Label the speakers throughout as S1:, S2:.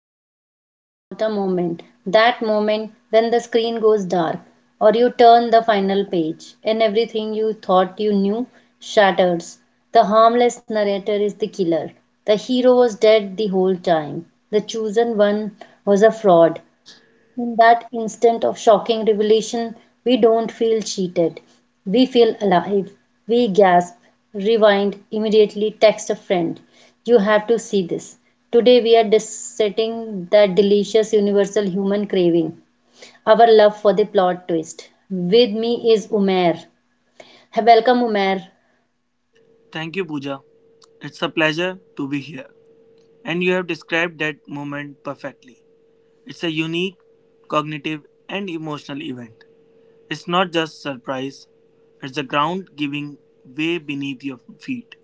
S1: want you to think about a moment that moment when the screen goes dark, or you turn the final page, and everything you thought you knew shatters. The harmless narrator is the killer. The hero was dead the whole time. The chosen one was a fraud. In that instant of shocking revelation, we don't feel cheated. We feel alive. We gasp, rewind, immediately text a friend. You have to see this. Today we are dissecting that delicious universal human craving, our love for the plot twist. With me is Umair. Welcome, Umair.
S2: Thank you, Pooja. It's a pleasure to be here. And you have described that moment perfectly. It's a unique cognitive and emotional event. It's not just surprise, it's the ground giving way beneath your feet,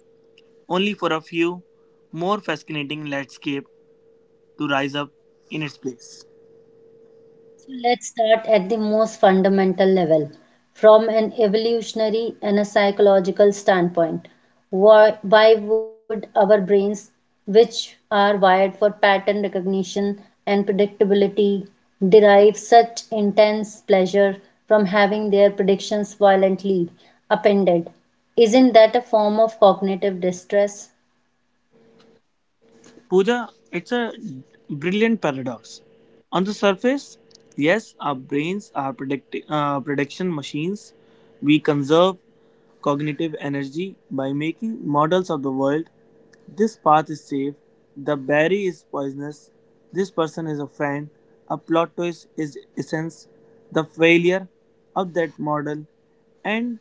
S2: only for a few more fascinating landscape to rise up in its place.
S1: So let's start at the most fundamental level. From an evolutionary and a psychological standpoint, why would our brains, which are wired for pattern recognition and predictability, derive such intense pleasure from having their predictions violently upended? Isn't that a form of cognitive distress?
S2: Pooja, it's a brilliant paradox. On the surface, yes, our brains are prediction machines. We conserve cognitive energy by making models of the world. This path is safe. The berry is poisonous. This person is a friend. A plot twist is essence. The failure of that model. And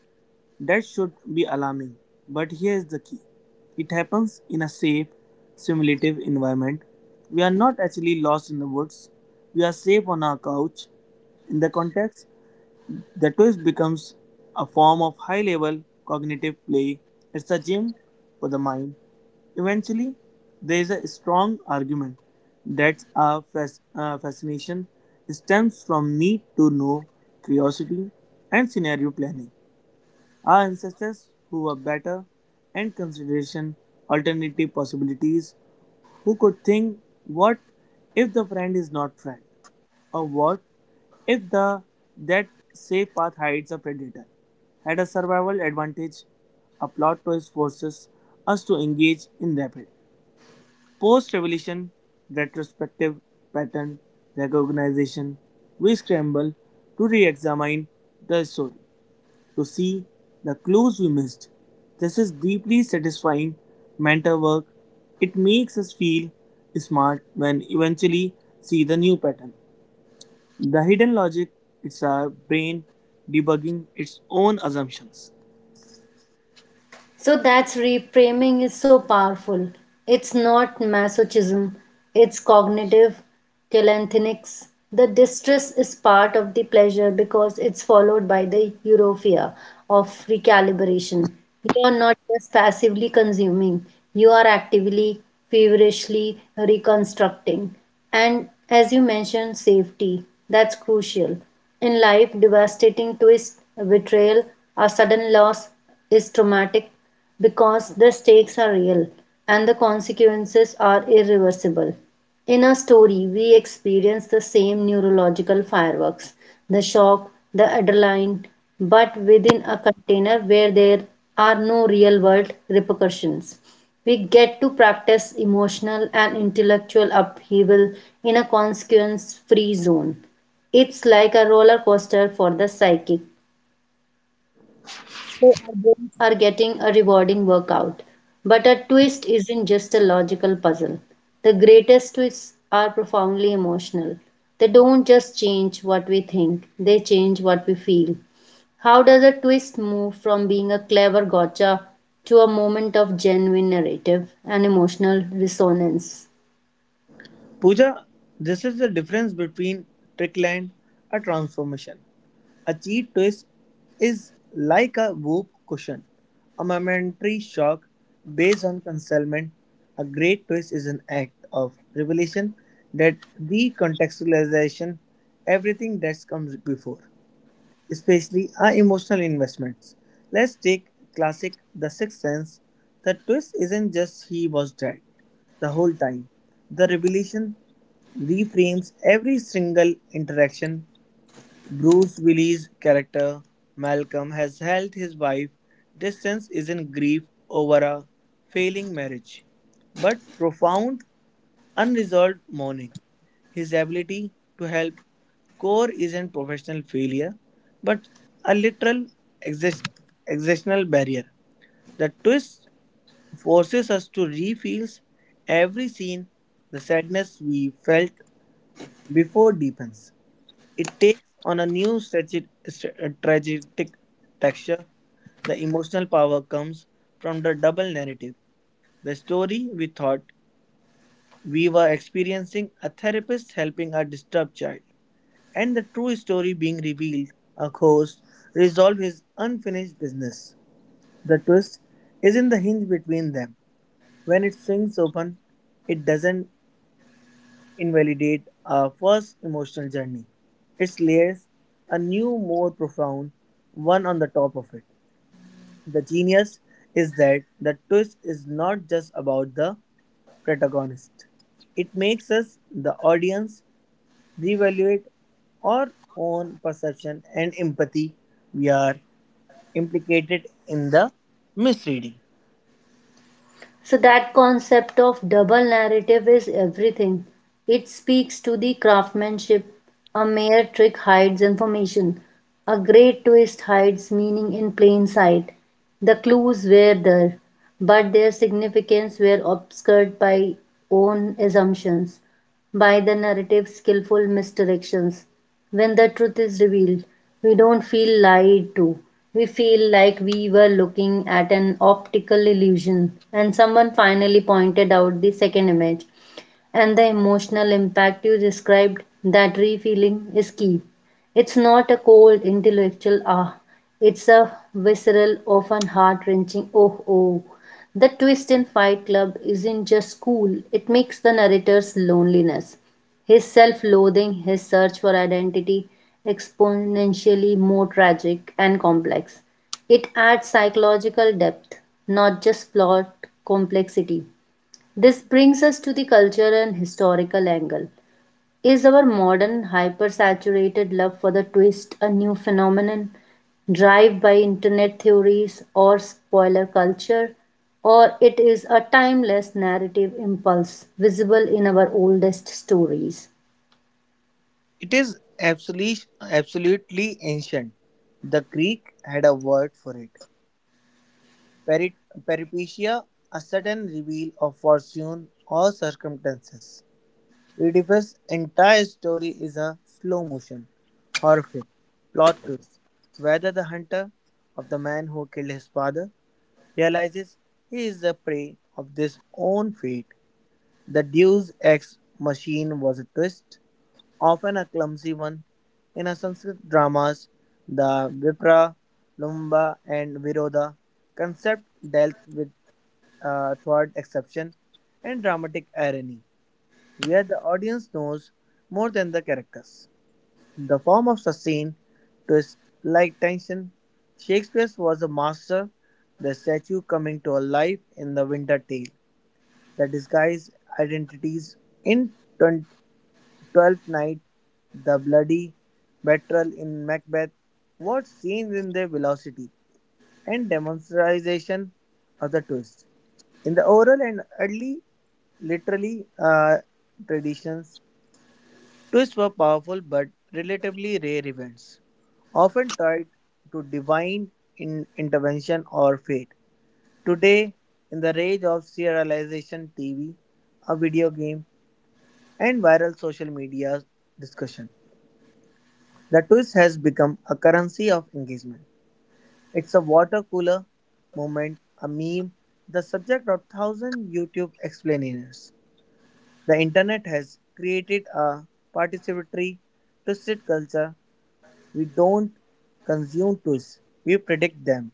S2: that should be alarming, but here's the key it happens in a safe, simulative environment. We are not actually lost in the woods, we are safe on our couch. In the context, the twist becomes a form of high level cognitive play. It's a gym for the mind. Eventually, there is a strong argument that our fascination stems from need to know, curiosity, and scenario planning. Our ancestors who were better and consideration alternative possibilities, who could think what if the friend is not friend, or what if the that safe path hides a predator, had a survival advantage, a plot twist forces us to engage in rapid post-revolution retrospective pattern recognition. We scramble to re-examine the story to see the clues we missed. This is deeply satisfying mental work. It makes us feel smart when eventually see the new pattern. The hidden logic it's our brain debugging its own assumptions.
S1: So that's reframing is so powerful. It's not masochism, it's cognitive telanthinics. The distress is part of the pleasure because it's followed by the euphoria of recalibration. You are not just passively consuming, you are actively, feverishly reconstructing. And as you mentioned, safety, that's crucial. In life, devastating twist, betrayal, or sudden loss is traumatic because the stakes are real and the consequences are irreversible. In a story, we experience the same neurological fireworks, the shock, the adrenaline, but within a container where there are no real world repercussions. We get to practice emotional and intellectual upheaval in a consequence free zone. It's like a roller coaster for the psychic or getting a rewarding workout. But a twist isn't just a logical puzzle. The greatest twists are profoundly emotional. They don't just change what we think, they change what we feel. How does a twist move from being a clever gotcha to a moment of genuine narrative and emotional resonance?
S2: Pooja, this is the difference between trickland and a transformation. A cheat twist is like a whoop cushion, a momentary shock based on concealment. A great twist is an act of revelation that recontextualization everything that comes before, especially our emotional investments. Let's take classic The Sixth Sense. The twist isn't just he was dead the whole time. The revelation reframes every single interaction. Bruce Willis' character Malcolm has helped his wife distance is in grief over a failing marriage, but profound unresolved mourning. His ability to help Core isn't professional failure, but a literal exist- existential barrier. The twist forces us to refill every scene. The sadness we felt before deepens. It takes on a new tragic texture. The emotional power comes from the double narrative. The story we thought we were experiencing a therapist helping a disturbed child, and the true story being revealed a ghost resolved his unfinished business. The twist is in the hinge between them. When it swings open, it doesn't invalidate our first emotional journey. It layers a new, more profound one on the top of it. The genius is that the twist is not just about the protagonist. It makes us, the audience, reevaluate our own perception and empathy we are implicated in the misreading.
S1: So that concept of double narrative is everything. It speaks to the craftsmanship. A mere trick hides information. A great twist hides meaning in plain sight. The clues were there, but their significance were obscured by own assumptions by the narrative's skillful misdirections. When the truth is revealed, we don't feel lied to. We feel like we were looking at an optical illusion, and someone finally pointed out the second image. And the emotional impact you described, that re feeling is key. It's not a cold, intellectual ah, it's a visceral, often heart wrenching oh oh. The twist in Fight Club isn't just cool, it makes the narrator's loneliness, his self loathing, his search for identity exponentially more tragic and complex. It adds psychological depth, not just plot complexity. This brings us to the cultural and historical angle. Is our modern hypersaturated love for the twist a new phenomenon driven by internet theories or spoiler culture, or it is a timeless narrative impulse visible in our oldest stories?
S2: It is absolutely, absolutely ancient. The Greek had a word for it Peri- peripecia, a sudden reveal of fortune or circumstances. Oedipus' entire story is a slow motion, horrific plot twist. Whether the hunter of the man who killed his father realizes he is the prey of his own fate. The Deus Ex machine was a twist often a clumsy one. In our Sanskrit dramas, the Vipra, Lumba, and Viroda concept dealt with third exception and dramatic irony, where the audience knows more than the characters. The form of sustained twist like tension, Shakespeare was a master, the statue coming to life in the winter tale, the disguised identities in Twelfth Night, the bloody battle in Macbeth, what scenes in their velocity and demonstration of the twist. In the oral and early literary traditions, twists were powerful but relatively rare events, often tied to divine intervention or fate. Today, in the rage of serialization TV, a video game, and viral social media discussion. The twist has become a currency of engagement. It's a water cooler moment, a meme, the subject of thousand YouTube explainers. The internet has created a participatory, twisted culture. We don't consume twists, we predict them,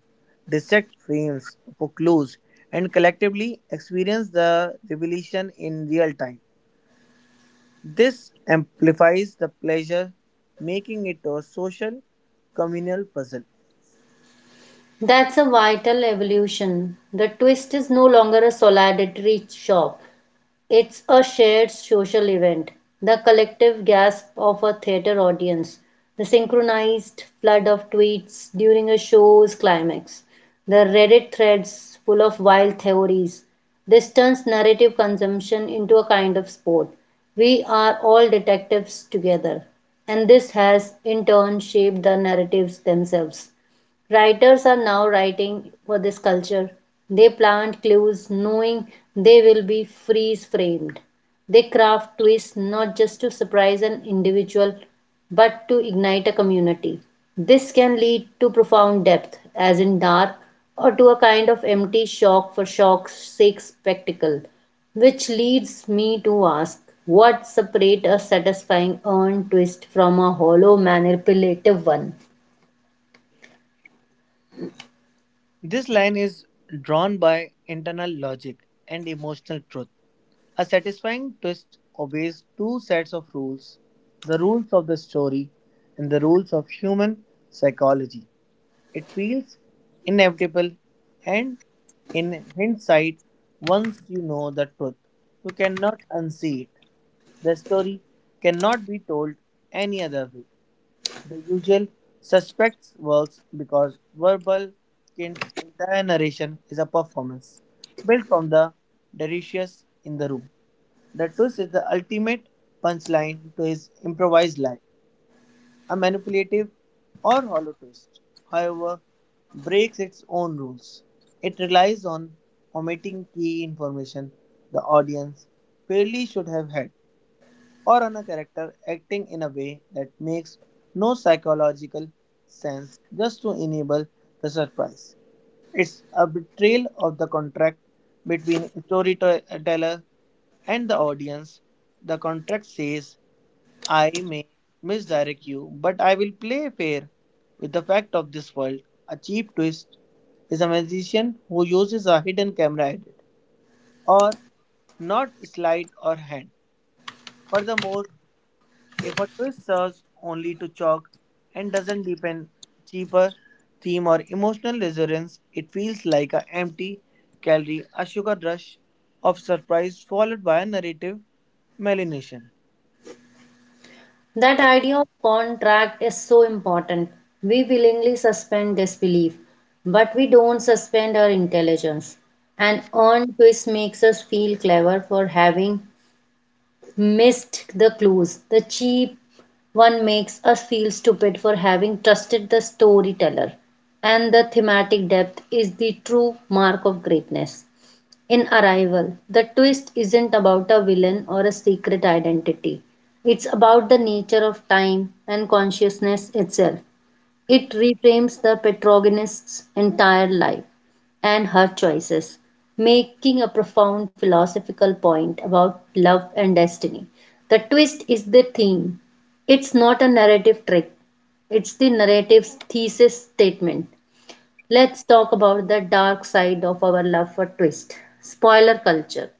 S2: dissect frames for clues, and collectively experience the revelation in real time. This amplifies the pleasure, making it a social, communal puzzle.
S1: That's a vital evolution. The twist is no longer a solitary chop. It's a shared social event, the collective gasp of a theater audience, the synchronized flood of tweets during a show's climax, the Reddit threads full of wild theories. This turns narrative consumption into a kind of sport. We are all detectives together, and this has in turn shaped the narratives themselves. Writers are now writing for this culture. They plant clues knowing they will be freeze framed. They craft twists not just to surprise an individual but to ignite a community. This can lead to profound depth, as in Dark, or to a kind of empty shock for shock's sake spectacle, which leads me to ask, what separates a satisfying earned twist from a hollow manipulative one?
S2: This line is drawn by internal logic and emotional truth. A satisfying twist obeys two sets of rules the rules of the story and the rules of human psychology. It feels inevitable, and in hindsight, once you know the truth, you cannot unsee it. The story cannot be told any other way. The usual suspects works because verbal kind entire narration is a performance built from the delirious in the room. The twist is the ultimate punchline to his improvised lie, a manipulative or hollow twist. However, breaks its own rules. It relies on omitting key information the audience fairly should have had or on a character acting in a way that makes no psychological sense just to enable the surprise. It's a betrayal of the contract between storyteller and the audience. The contract says, I may misdirect you, but I will play fair with the fact of this world. A cheap twist is a magician who uses a hidden camera edit or not slide or hand. Furthermore, if a tourist serves only to chalk and doesn't deepen cheaper theme or emotional resonance, it feels like an empty calorie, a sugar rush of surprise followed by a narrative malination.
S1: That idea of contract is so important. We willingly suspend disbelief, but we don't suspend our intelligence. An earned twist makes us feel clever for having missed the clues. The cheap one makes us feel stupid for having trusted the storyteller. And the thematic depth is the true mark of greatness. In Arrival, the twist isn't about a villain or a secret identity. It's about the nature of time and consciousness itself. It reframes the protagonist's entire life and her choices, making a profound philosophical point about love and destiny. The twist is the theme. It's not a narrative trick, it's the narrative's thesis statement. Let's talk about the dark side of our love for twist spoiler culture.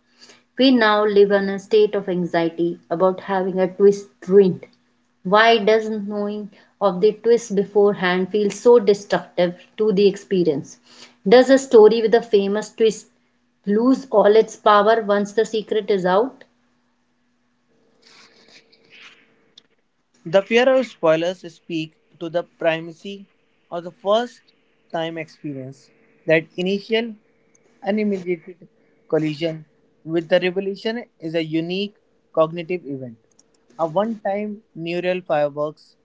S1: We now live in a state of anxiety about having a twist ruined. Why does knowing of the twist beforehand feel so destructive to the experience? Does a story with a famous twist lose all its power once the secret is out?
S2: The fear of spoilers speak to the primacy of the first time experience, that initial unmediated collision with the revelation is a unique cognitive event, a one time neural fireworks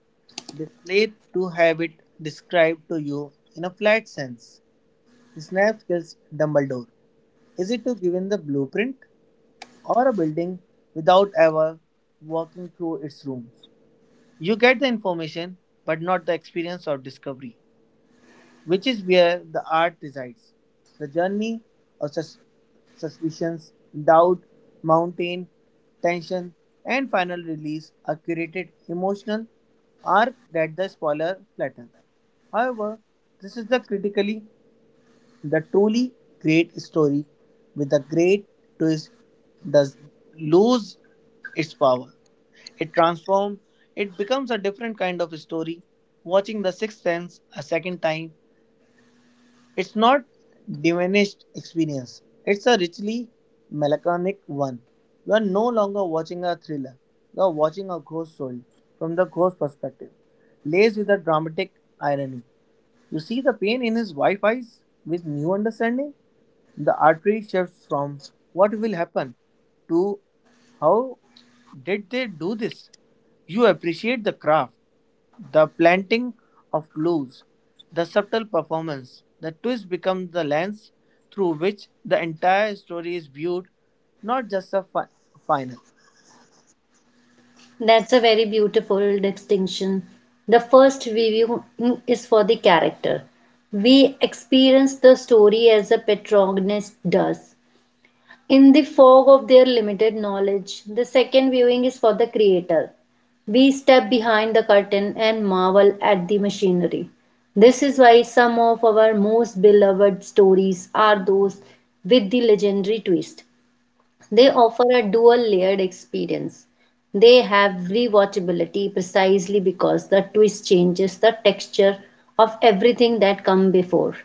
S2: displayed to have it described to you in a flat sense. Snape kills Dumbledore. Is it to give him the blueprint or a building without ever walking through its rooms? You get the information but not the experience of discovery, which is where the art resides. The journey of suspicions, doubt, mountain, tension, and final release are curated emotional arc that the spoiler flattens. However, this is the critically the truly great story with a great twist does lose its power. It transforms, it becomes a different kind of story. Watching The Sixth Sense a second time, it's not diminished experience. It's a richly melancholic one. You are no longer watching a thriller. You are watching a ghost story from the ghost perspective, laced with a dramatic irony. You see the pain in his wife's eyes with new understanding? The artery shifts from what will happen to how did they do this? You appreciate the craft, the planting of clues, the subtle performance. The twist becomes the lens through which the entire story is viewed, not just a final.
S1: That's a very beautiful distinction. The first viewing is for the character. We experience the story as a protagonist does, in the fog of their limited knowledge. The second viewing is for the creator. We step behind the curtain and marvel at the machinery. This is why some of our most beloved stories are those with the legendary twist. They offer a dual layered experience. They have rewatchability precisely because the twist changes the texture of everything that come before.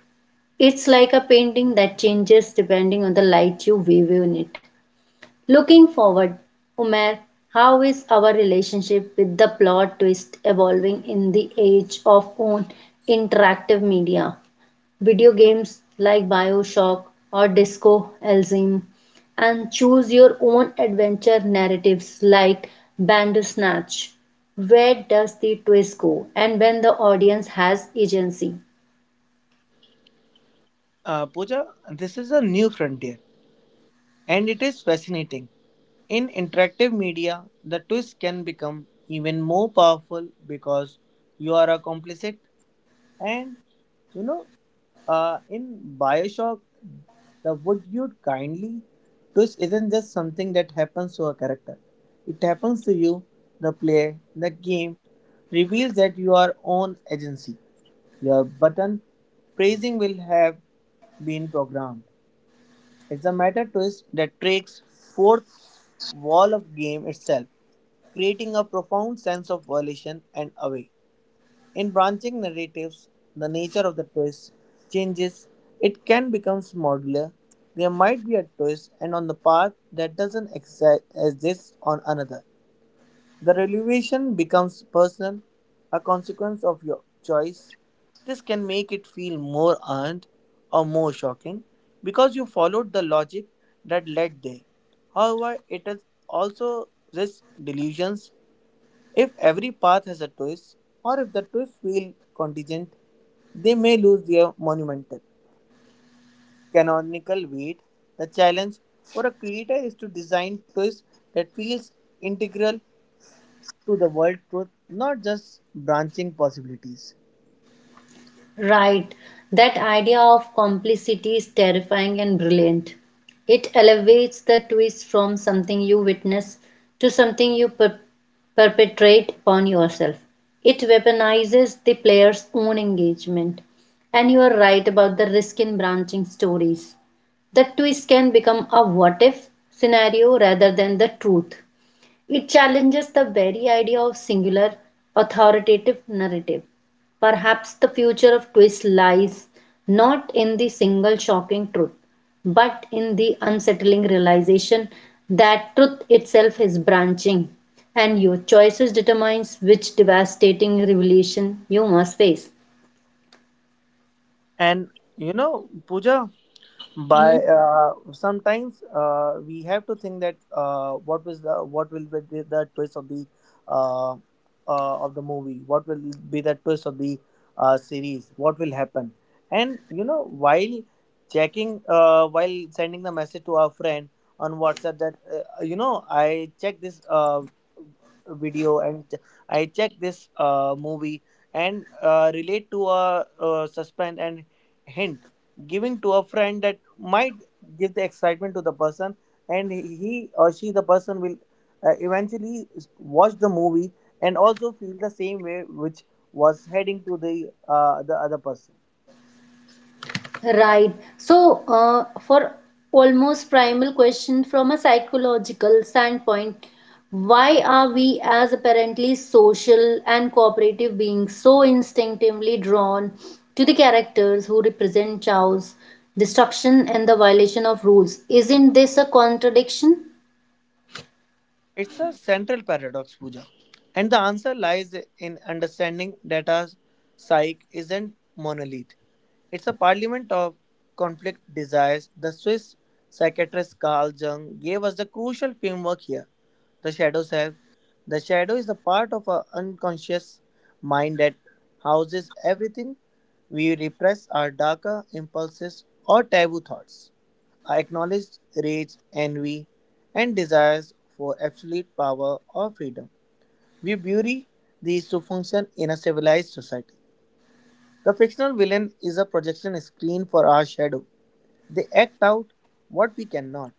S1: It's like a painting that changes depending on the light you view in it. Looking forward, Umair, how is our relationship with the plot twist evolving in the age of own interactive media? Video games like Bioshock or Disco Elysium, and choose your own adventure narratives like Bandersnatch. Where does the twist go, and when the audience has agency?
S2: Pooja, this is a new frontier. And it is fascinating. In interactive media, the twist can become even more powerful because you are a complicit. And you know, in Bioshock, the would you kindly twist isn't just something that happens to a character, it happens to you, the player. The game reveals that you are on agency. Your button praising will have been programmed. It's a meta twist that breaks fourth wall of game itself, creating a profound sense of violation and away. In branching narratives, the nature of the twist changes. It can become modular. There might be a twist and on the path that doesn't exist on another. The revelation becomes personal, a consequence of your choice. This can make it feel more earned or more shocking because you followed the logic that led there. However, it is also risks delusions. If every path has a twist, or if the twists feel contingent, they may lose their monumental canonical weight. The challenge for a creator is to design twists that feels integral to the world truth, not just branching possibilities.
S1: Right. That idea of complicity is terrifying and brilliant. It elevates the twist from something you witness to something you perpetrate upon yourself. It weaponizes the player's own engagement. And you are right about the risk in branching stories. The twist can become a what if scenario rather than the truth. It challenges the very idea of singular, authoritative narrative. Perhaps the future of twist lies not in the single shocking truth, but in the unsettling realization that truth itself is branching, and your choices determines which devastating revelation you must face.
S2: And you know, Pooja, by sometimes we have to think that what will be the twist uh, of the movie what will be the twist of the series what will happen and you know while checking while sending the message to our friend on WhatsApp that you know I checked this video and I checked this movie and relate to a suspense and hint giving to a friend that might give the excitement to the person and he or she the person will eventually watch the movie and also feel the same way which was heading to the other person.
S1: Right. So, for almost primal question from a psychological standpoint, why are we as apparently social and cooperative beings so instinctively drawn to the characters who represent chaos, destruction, and the violation of rules? Isn't this a contradiction?
S2: It's a central paradox, Pooja, and the answer lies in understanding that our psyche isn't monolith it's a parliament of conflict desires the Swiss psychiatrist Carl Jung gave us the crucial framework here the shadow self. The shadow is a part of our unconscious mind that houses everything we repress our darker impulses or taboo thoughts. I acknowledge rage, envy, and desires for absolute power or freedom. We bury these to function in a civilized society. The fictional villain is a projection screen for our shadow. They act out what we cannot.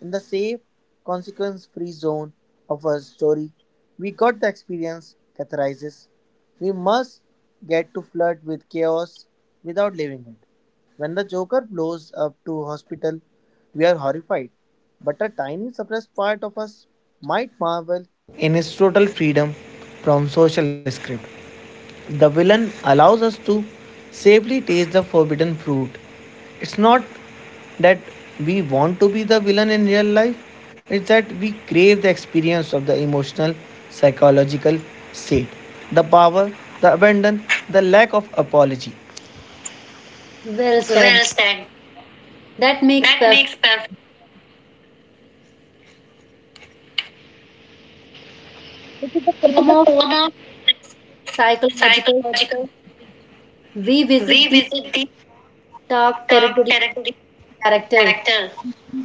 S2: In the safe, consequence free zone of our story, we got the experience catharsis. We must get to flirt with chaos without living it. When the Joker blows up to hospital, we are horrified, but a tiny suppressed part of us might marvel in his total freedom from social script. The villain allows us to safely taste the forbidden fruit. It's not that we want to be the villain in real life, it's that we crave the experience of the emotional psychological state, the power, the abandon, the lack of apology.
S1: Well said.
S2: Well said.
S1: That makes
S2: That
S1: perfect.
S2: makes perfect.
S1: It is a form of
S2: Homo
S1: psychological.
S2: psychological.
S1: We
S2: We
S1: visit the
S2: visit the
S1: dark
S2: dark
S1: territory
S2: territory
S1: of character,
S2: character,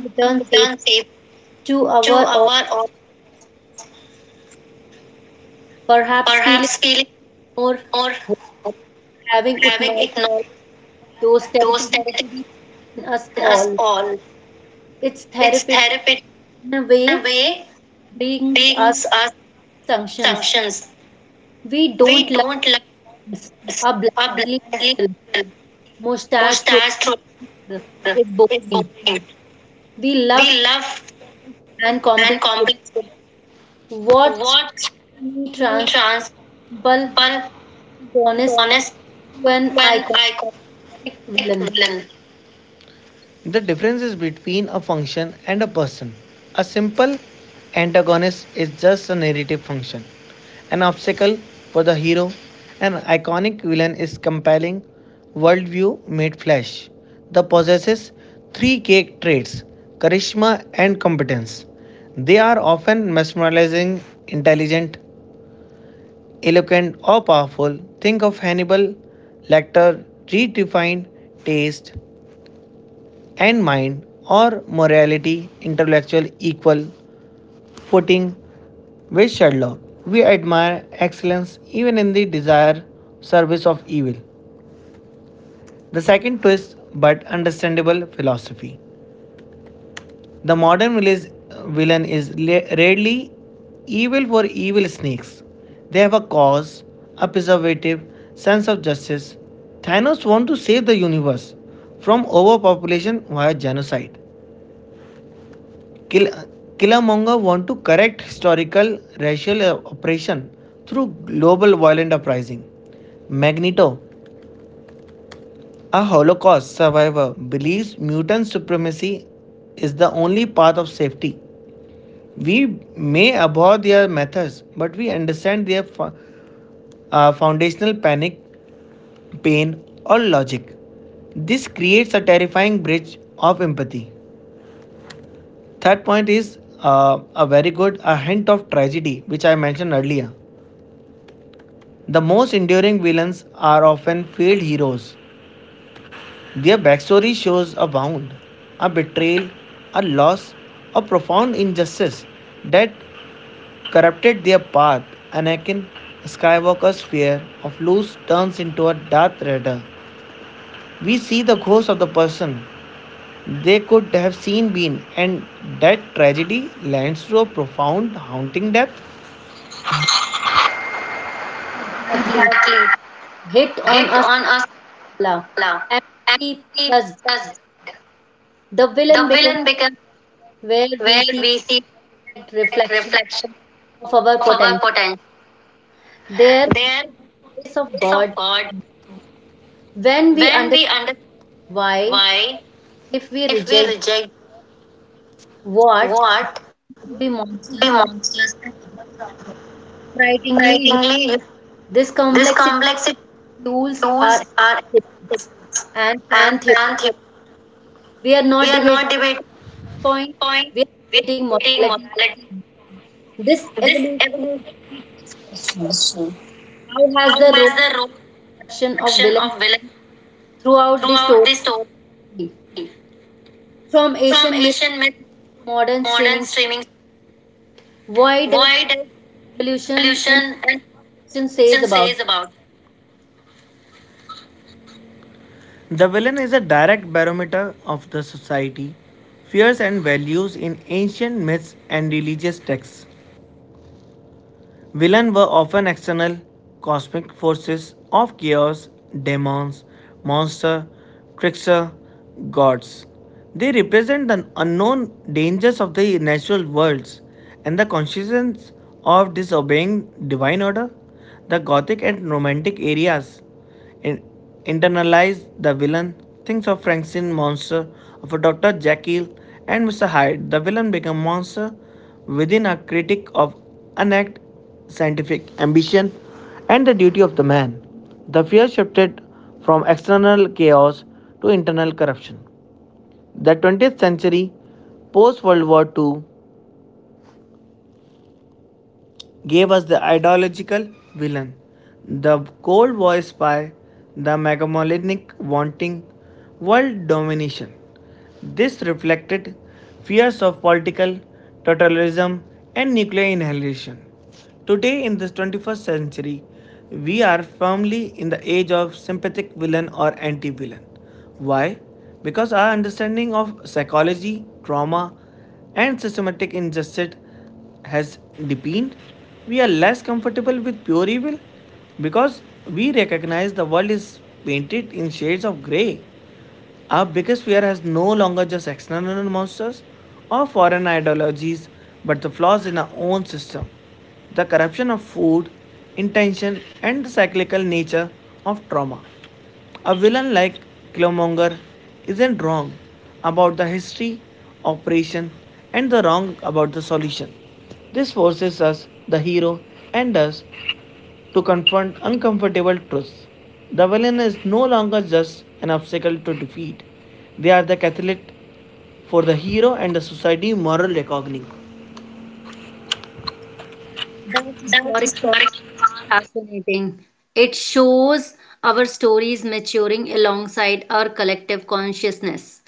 S1: return safe
S2: return safe
S1: to
S2: to
S1: our or
S2: our or
S1: perhaps feeling
S2: perhaps feeling
S1: more
S2: or
S1: whole having
S2: having
S1: acknowledged
S2: ignored
S1: those
S2: those
S1: territories
S2: territories
S1: in us
S2: in us
S1: all.
S2: all.
S1: It's
S2: It's
S1: therapeutic
S2: therapeutic.
S1: in a
S2: The
S1: way,
S2: way
S1: brings us
S2: brings us
S1: sanctions.
S2: assumptions.
S1: We don't
S2: We
S1: love
S2: don't like
S1: things,
S2: this.
S1: are
S2: A
S1: blindly
S2: blindly
S1: cruel, mustache
S2: mustache
S1: twirling
S2: troll
S1: people is
S2: is
S1: boring.
S2: boring.
S1: We
S2: We
S1: love
S2: love
S1: and complex
S2: and
S1: women.
S2: complex.
S1: What
S2: What
S1: we transformable
S2: trans one
S1: protagonist
S2: honest
S1: to an
S2: when
S1: iconic
S2: I call
S1: villain.
S2: villain. The difference is between a function and a person. A simple antagonist is just a narrative function, an obstacle for the hero. An iconic villain is compelling worldview made flesh that possesses three key traits, charisma and competence. They are often mesmerizing, intelligent, eloquent, or powerful. Think of Hannibal Lecter, redefined taste, and mind or morality intellectual equal footing with Sherlock. We admire excellence even in the desire service of evil. The second twist but understandable philosophy. The modern villain is rarely evil for evil snakes. They have a cause, a preservative, sense of justice. Thanos wants to save the universe from overpopulation via genocide. Kill, Killmonger want to correct historical racial oppression through global violent uprising. Magneto, a Holocaust survivor, believes mutant supremacy is the only path of safety. We may abhor their methods, but we understand their foundational panic, pain, or logic. This creates a terrifying bridge of empathy. Third point is a very good a hint of tragedy, which I mentioned earlier. The most enduring villains are often failed heroes. Their backstory shows a wound, a betrayal, a loss, a profound injustice that corrupted their path. Anakin Skywalker's fear of Luke turns into a Darth Raider. We see the ghost of the person they could have seen been, and that tragedy lands to a profound, haunting depth.
S1: Exactly.
S2: Exactly.
S1: Hit on
S2: Hit
S1: us
S2: on a
S1: love.
S2: scala.
S1: Empathy
S2: Empathy
S1: does.
S2: does.
S1: The
S2: The
S1: villain becomes
S2: villain becomes
S1: where we
S2: where
S1: see
S2: we see
S1: perfect
S2: perfect
S1: reflection
S2: reflection
S1: of our
S2: of our
S1: potential.
S2: potential.
S1: There,
S2: There, is
S1: the
S2: the
S1: grace of
S2: grace of
S1: God,
S2: God,
S1: when we
S2: when
S1: understand
S2: we understand
S1: why,
S2: why,
S1: if we
S2: if we
S1: reject
S2: reject
S1: what, we
S2: what,
S1: will be
S2: we
S1: monsters.
S2: monsters.
S1: Frighteningly, human.
S2: Frightingly,
S1: This
S2: this
S1: complexity
S2: complexity
S1: fuels our
S2: tools are
S1: ethics and fan
S2: and
S1: theory.
S2: pantheon.
S1: We are
S2: We
S1: not
S2: are
S1: debating
S2: not debating
S1: point,
S2: point,
S1: we are
S2: we are
S1: debating
S2: debating
S1: morality.
S2: morality.
S1: This
S2: This
S1: evolution
S2: evolution
S1: makes
S2: is
S1: question.
S2: question.
S1: How has
S2: How
S1: the
S2: has
S1: role
S2: the role
S1: perception of
S2: action
S1: villain
S2: of villain
S1: throughout the
S2: throughout
S1: story.
S2: the story
S1: From
S2: from
S1: Asian myths,
S2: Asian myth
S1: to modern
S2: modern
S1: streaming,
S2: streaming.
S1: why does
S2: Why does
S1: evolution and
S2: evolution and
S1: evolution says
S2: evolution
S1: about
S2: says about it? The villain is a direct barometer of the society, fears and values in ancient myths and religious texts. Villains were often external cosmic forces of chaos, demons, monsters, trickster, gods. They represent the unknown dangers of the natural worlds and the consequences of disobeying divine order. The Gothic and Romantic areas in- internalized, the villain thinks of Frankenstein monster, of a Dr. Jekyll and Mr. Hyde. The villain become monster within a critic of unact scientific ambition and the duty of the man. The fear shifted from external chaos to internal corruption. The 20th century, post World War II, gave us the ideological villain, the cold war spy, the megalomaniac wanting world domination. This reflected fears of political totalitarianism and nuclear annihilation. Today, in this 21st century, we are firmly in the age of sympathetic villain or anti villain. Why? Because our understanding of psychology, trauma, and systematic injustice has deepened. We are less comfortable with pure evil because we recognize the world is painted in shades of grey. Our biggest fear has no longer just external monsters or foreign ideologies, but the flaws in our own system, the corruption of food, intention, and the cyclical nature of trauma. A villain like Killmonger isn't wrong about the history, operation, and the wrong about the solution. This forces us, the hero, and us to confront uncomfortable truths. The villain is no longer just an obstacle to defeat, they are the catalyst for the hero and the society moral reckoning.
S1: that historic fascinating. It shows our stories maturing alongside our collective consciousness.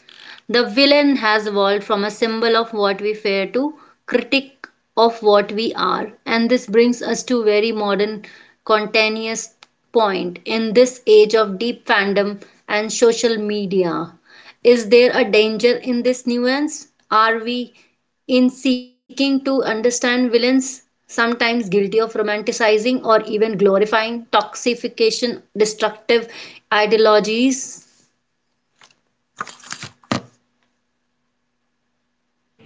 S1: The villain has evolved from a symbol of what we fear to critic of what we are. And this brings us to very modern contentious point in this age of deep fandom and social media. Is there a danger in this nuance? Are we in seeking to understand villains sometimes guilty of romanticizing or even glorifying toxification destructive ideologies?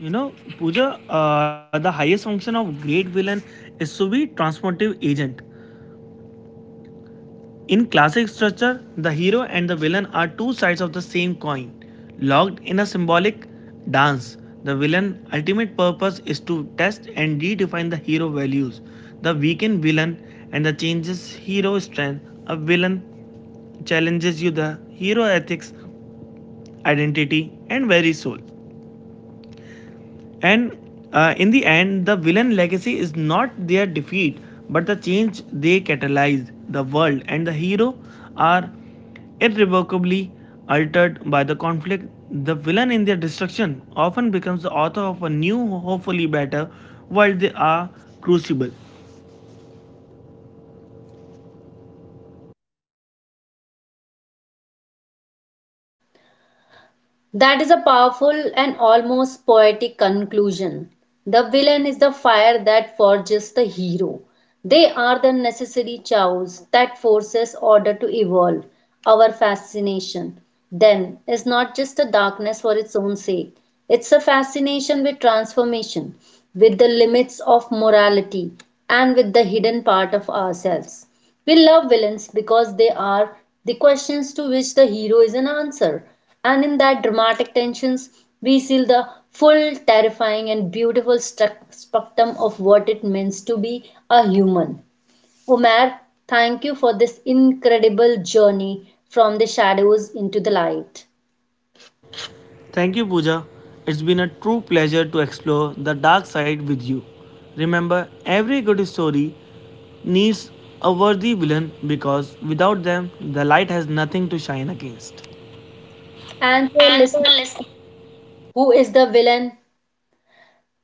S2: You know, Pooja, the highest function of great villain is to be transformative agent. In classic structure, the hero and the villain are two sides of the same coin. Locked in a symbolic dance, the villain's ultimate purpose is to test and redefine the hero values. The weakened villain and the changes hero strength. A villain challenges you the hero ethics, identity, and very soul. And in the end, the villain legacy is not their defeat, but the change they catalyze. The world and the hero are irrevocably altered by the conflict. The villain in their destruction often becomes the author of a new, hopefully better world they are crucible.
S1: That is a powerful and almost poetic conclusion. The villain is the fire that forges the hero. They are the necessary chaos that forces order to evolve. Our fascination, then, is not just a darkness for its own sake, it's a fascination with transformation, with the limits of morality, and with the hidden part of ourselves. We love villains because they are the questions to which the hero is an answer. And in that dramatic tensions, we see the full, terrifying, and beautiful spectrum of what it means to be a human. Omar, thank you for this incredible journey from the shadows into the light.
S2: Thank you, Pooja. It's been a true pleasure to explore the dark side with you. Remember, every good story needs a worthy villain because without them, the light has nothing to shine against.
S1: And for
S2: And for
S1: listener,
S2: listening.
S1: who is the villain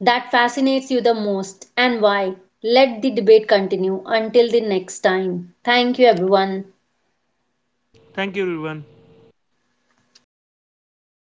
S1: that fascinates you the most and why? Let the debate continue until the next time. Thank you, everyone.
S2: Thank you, everyone.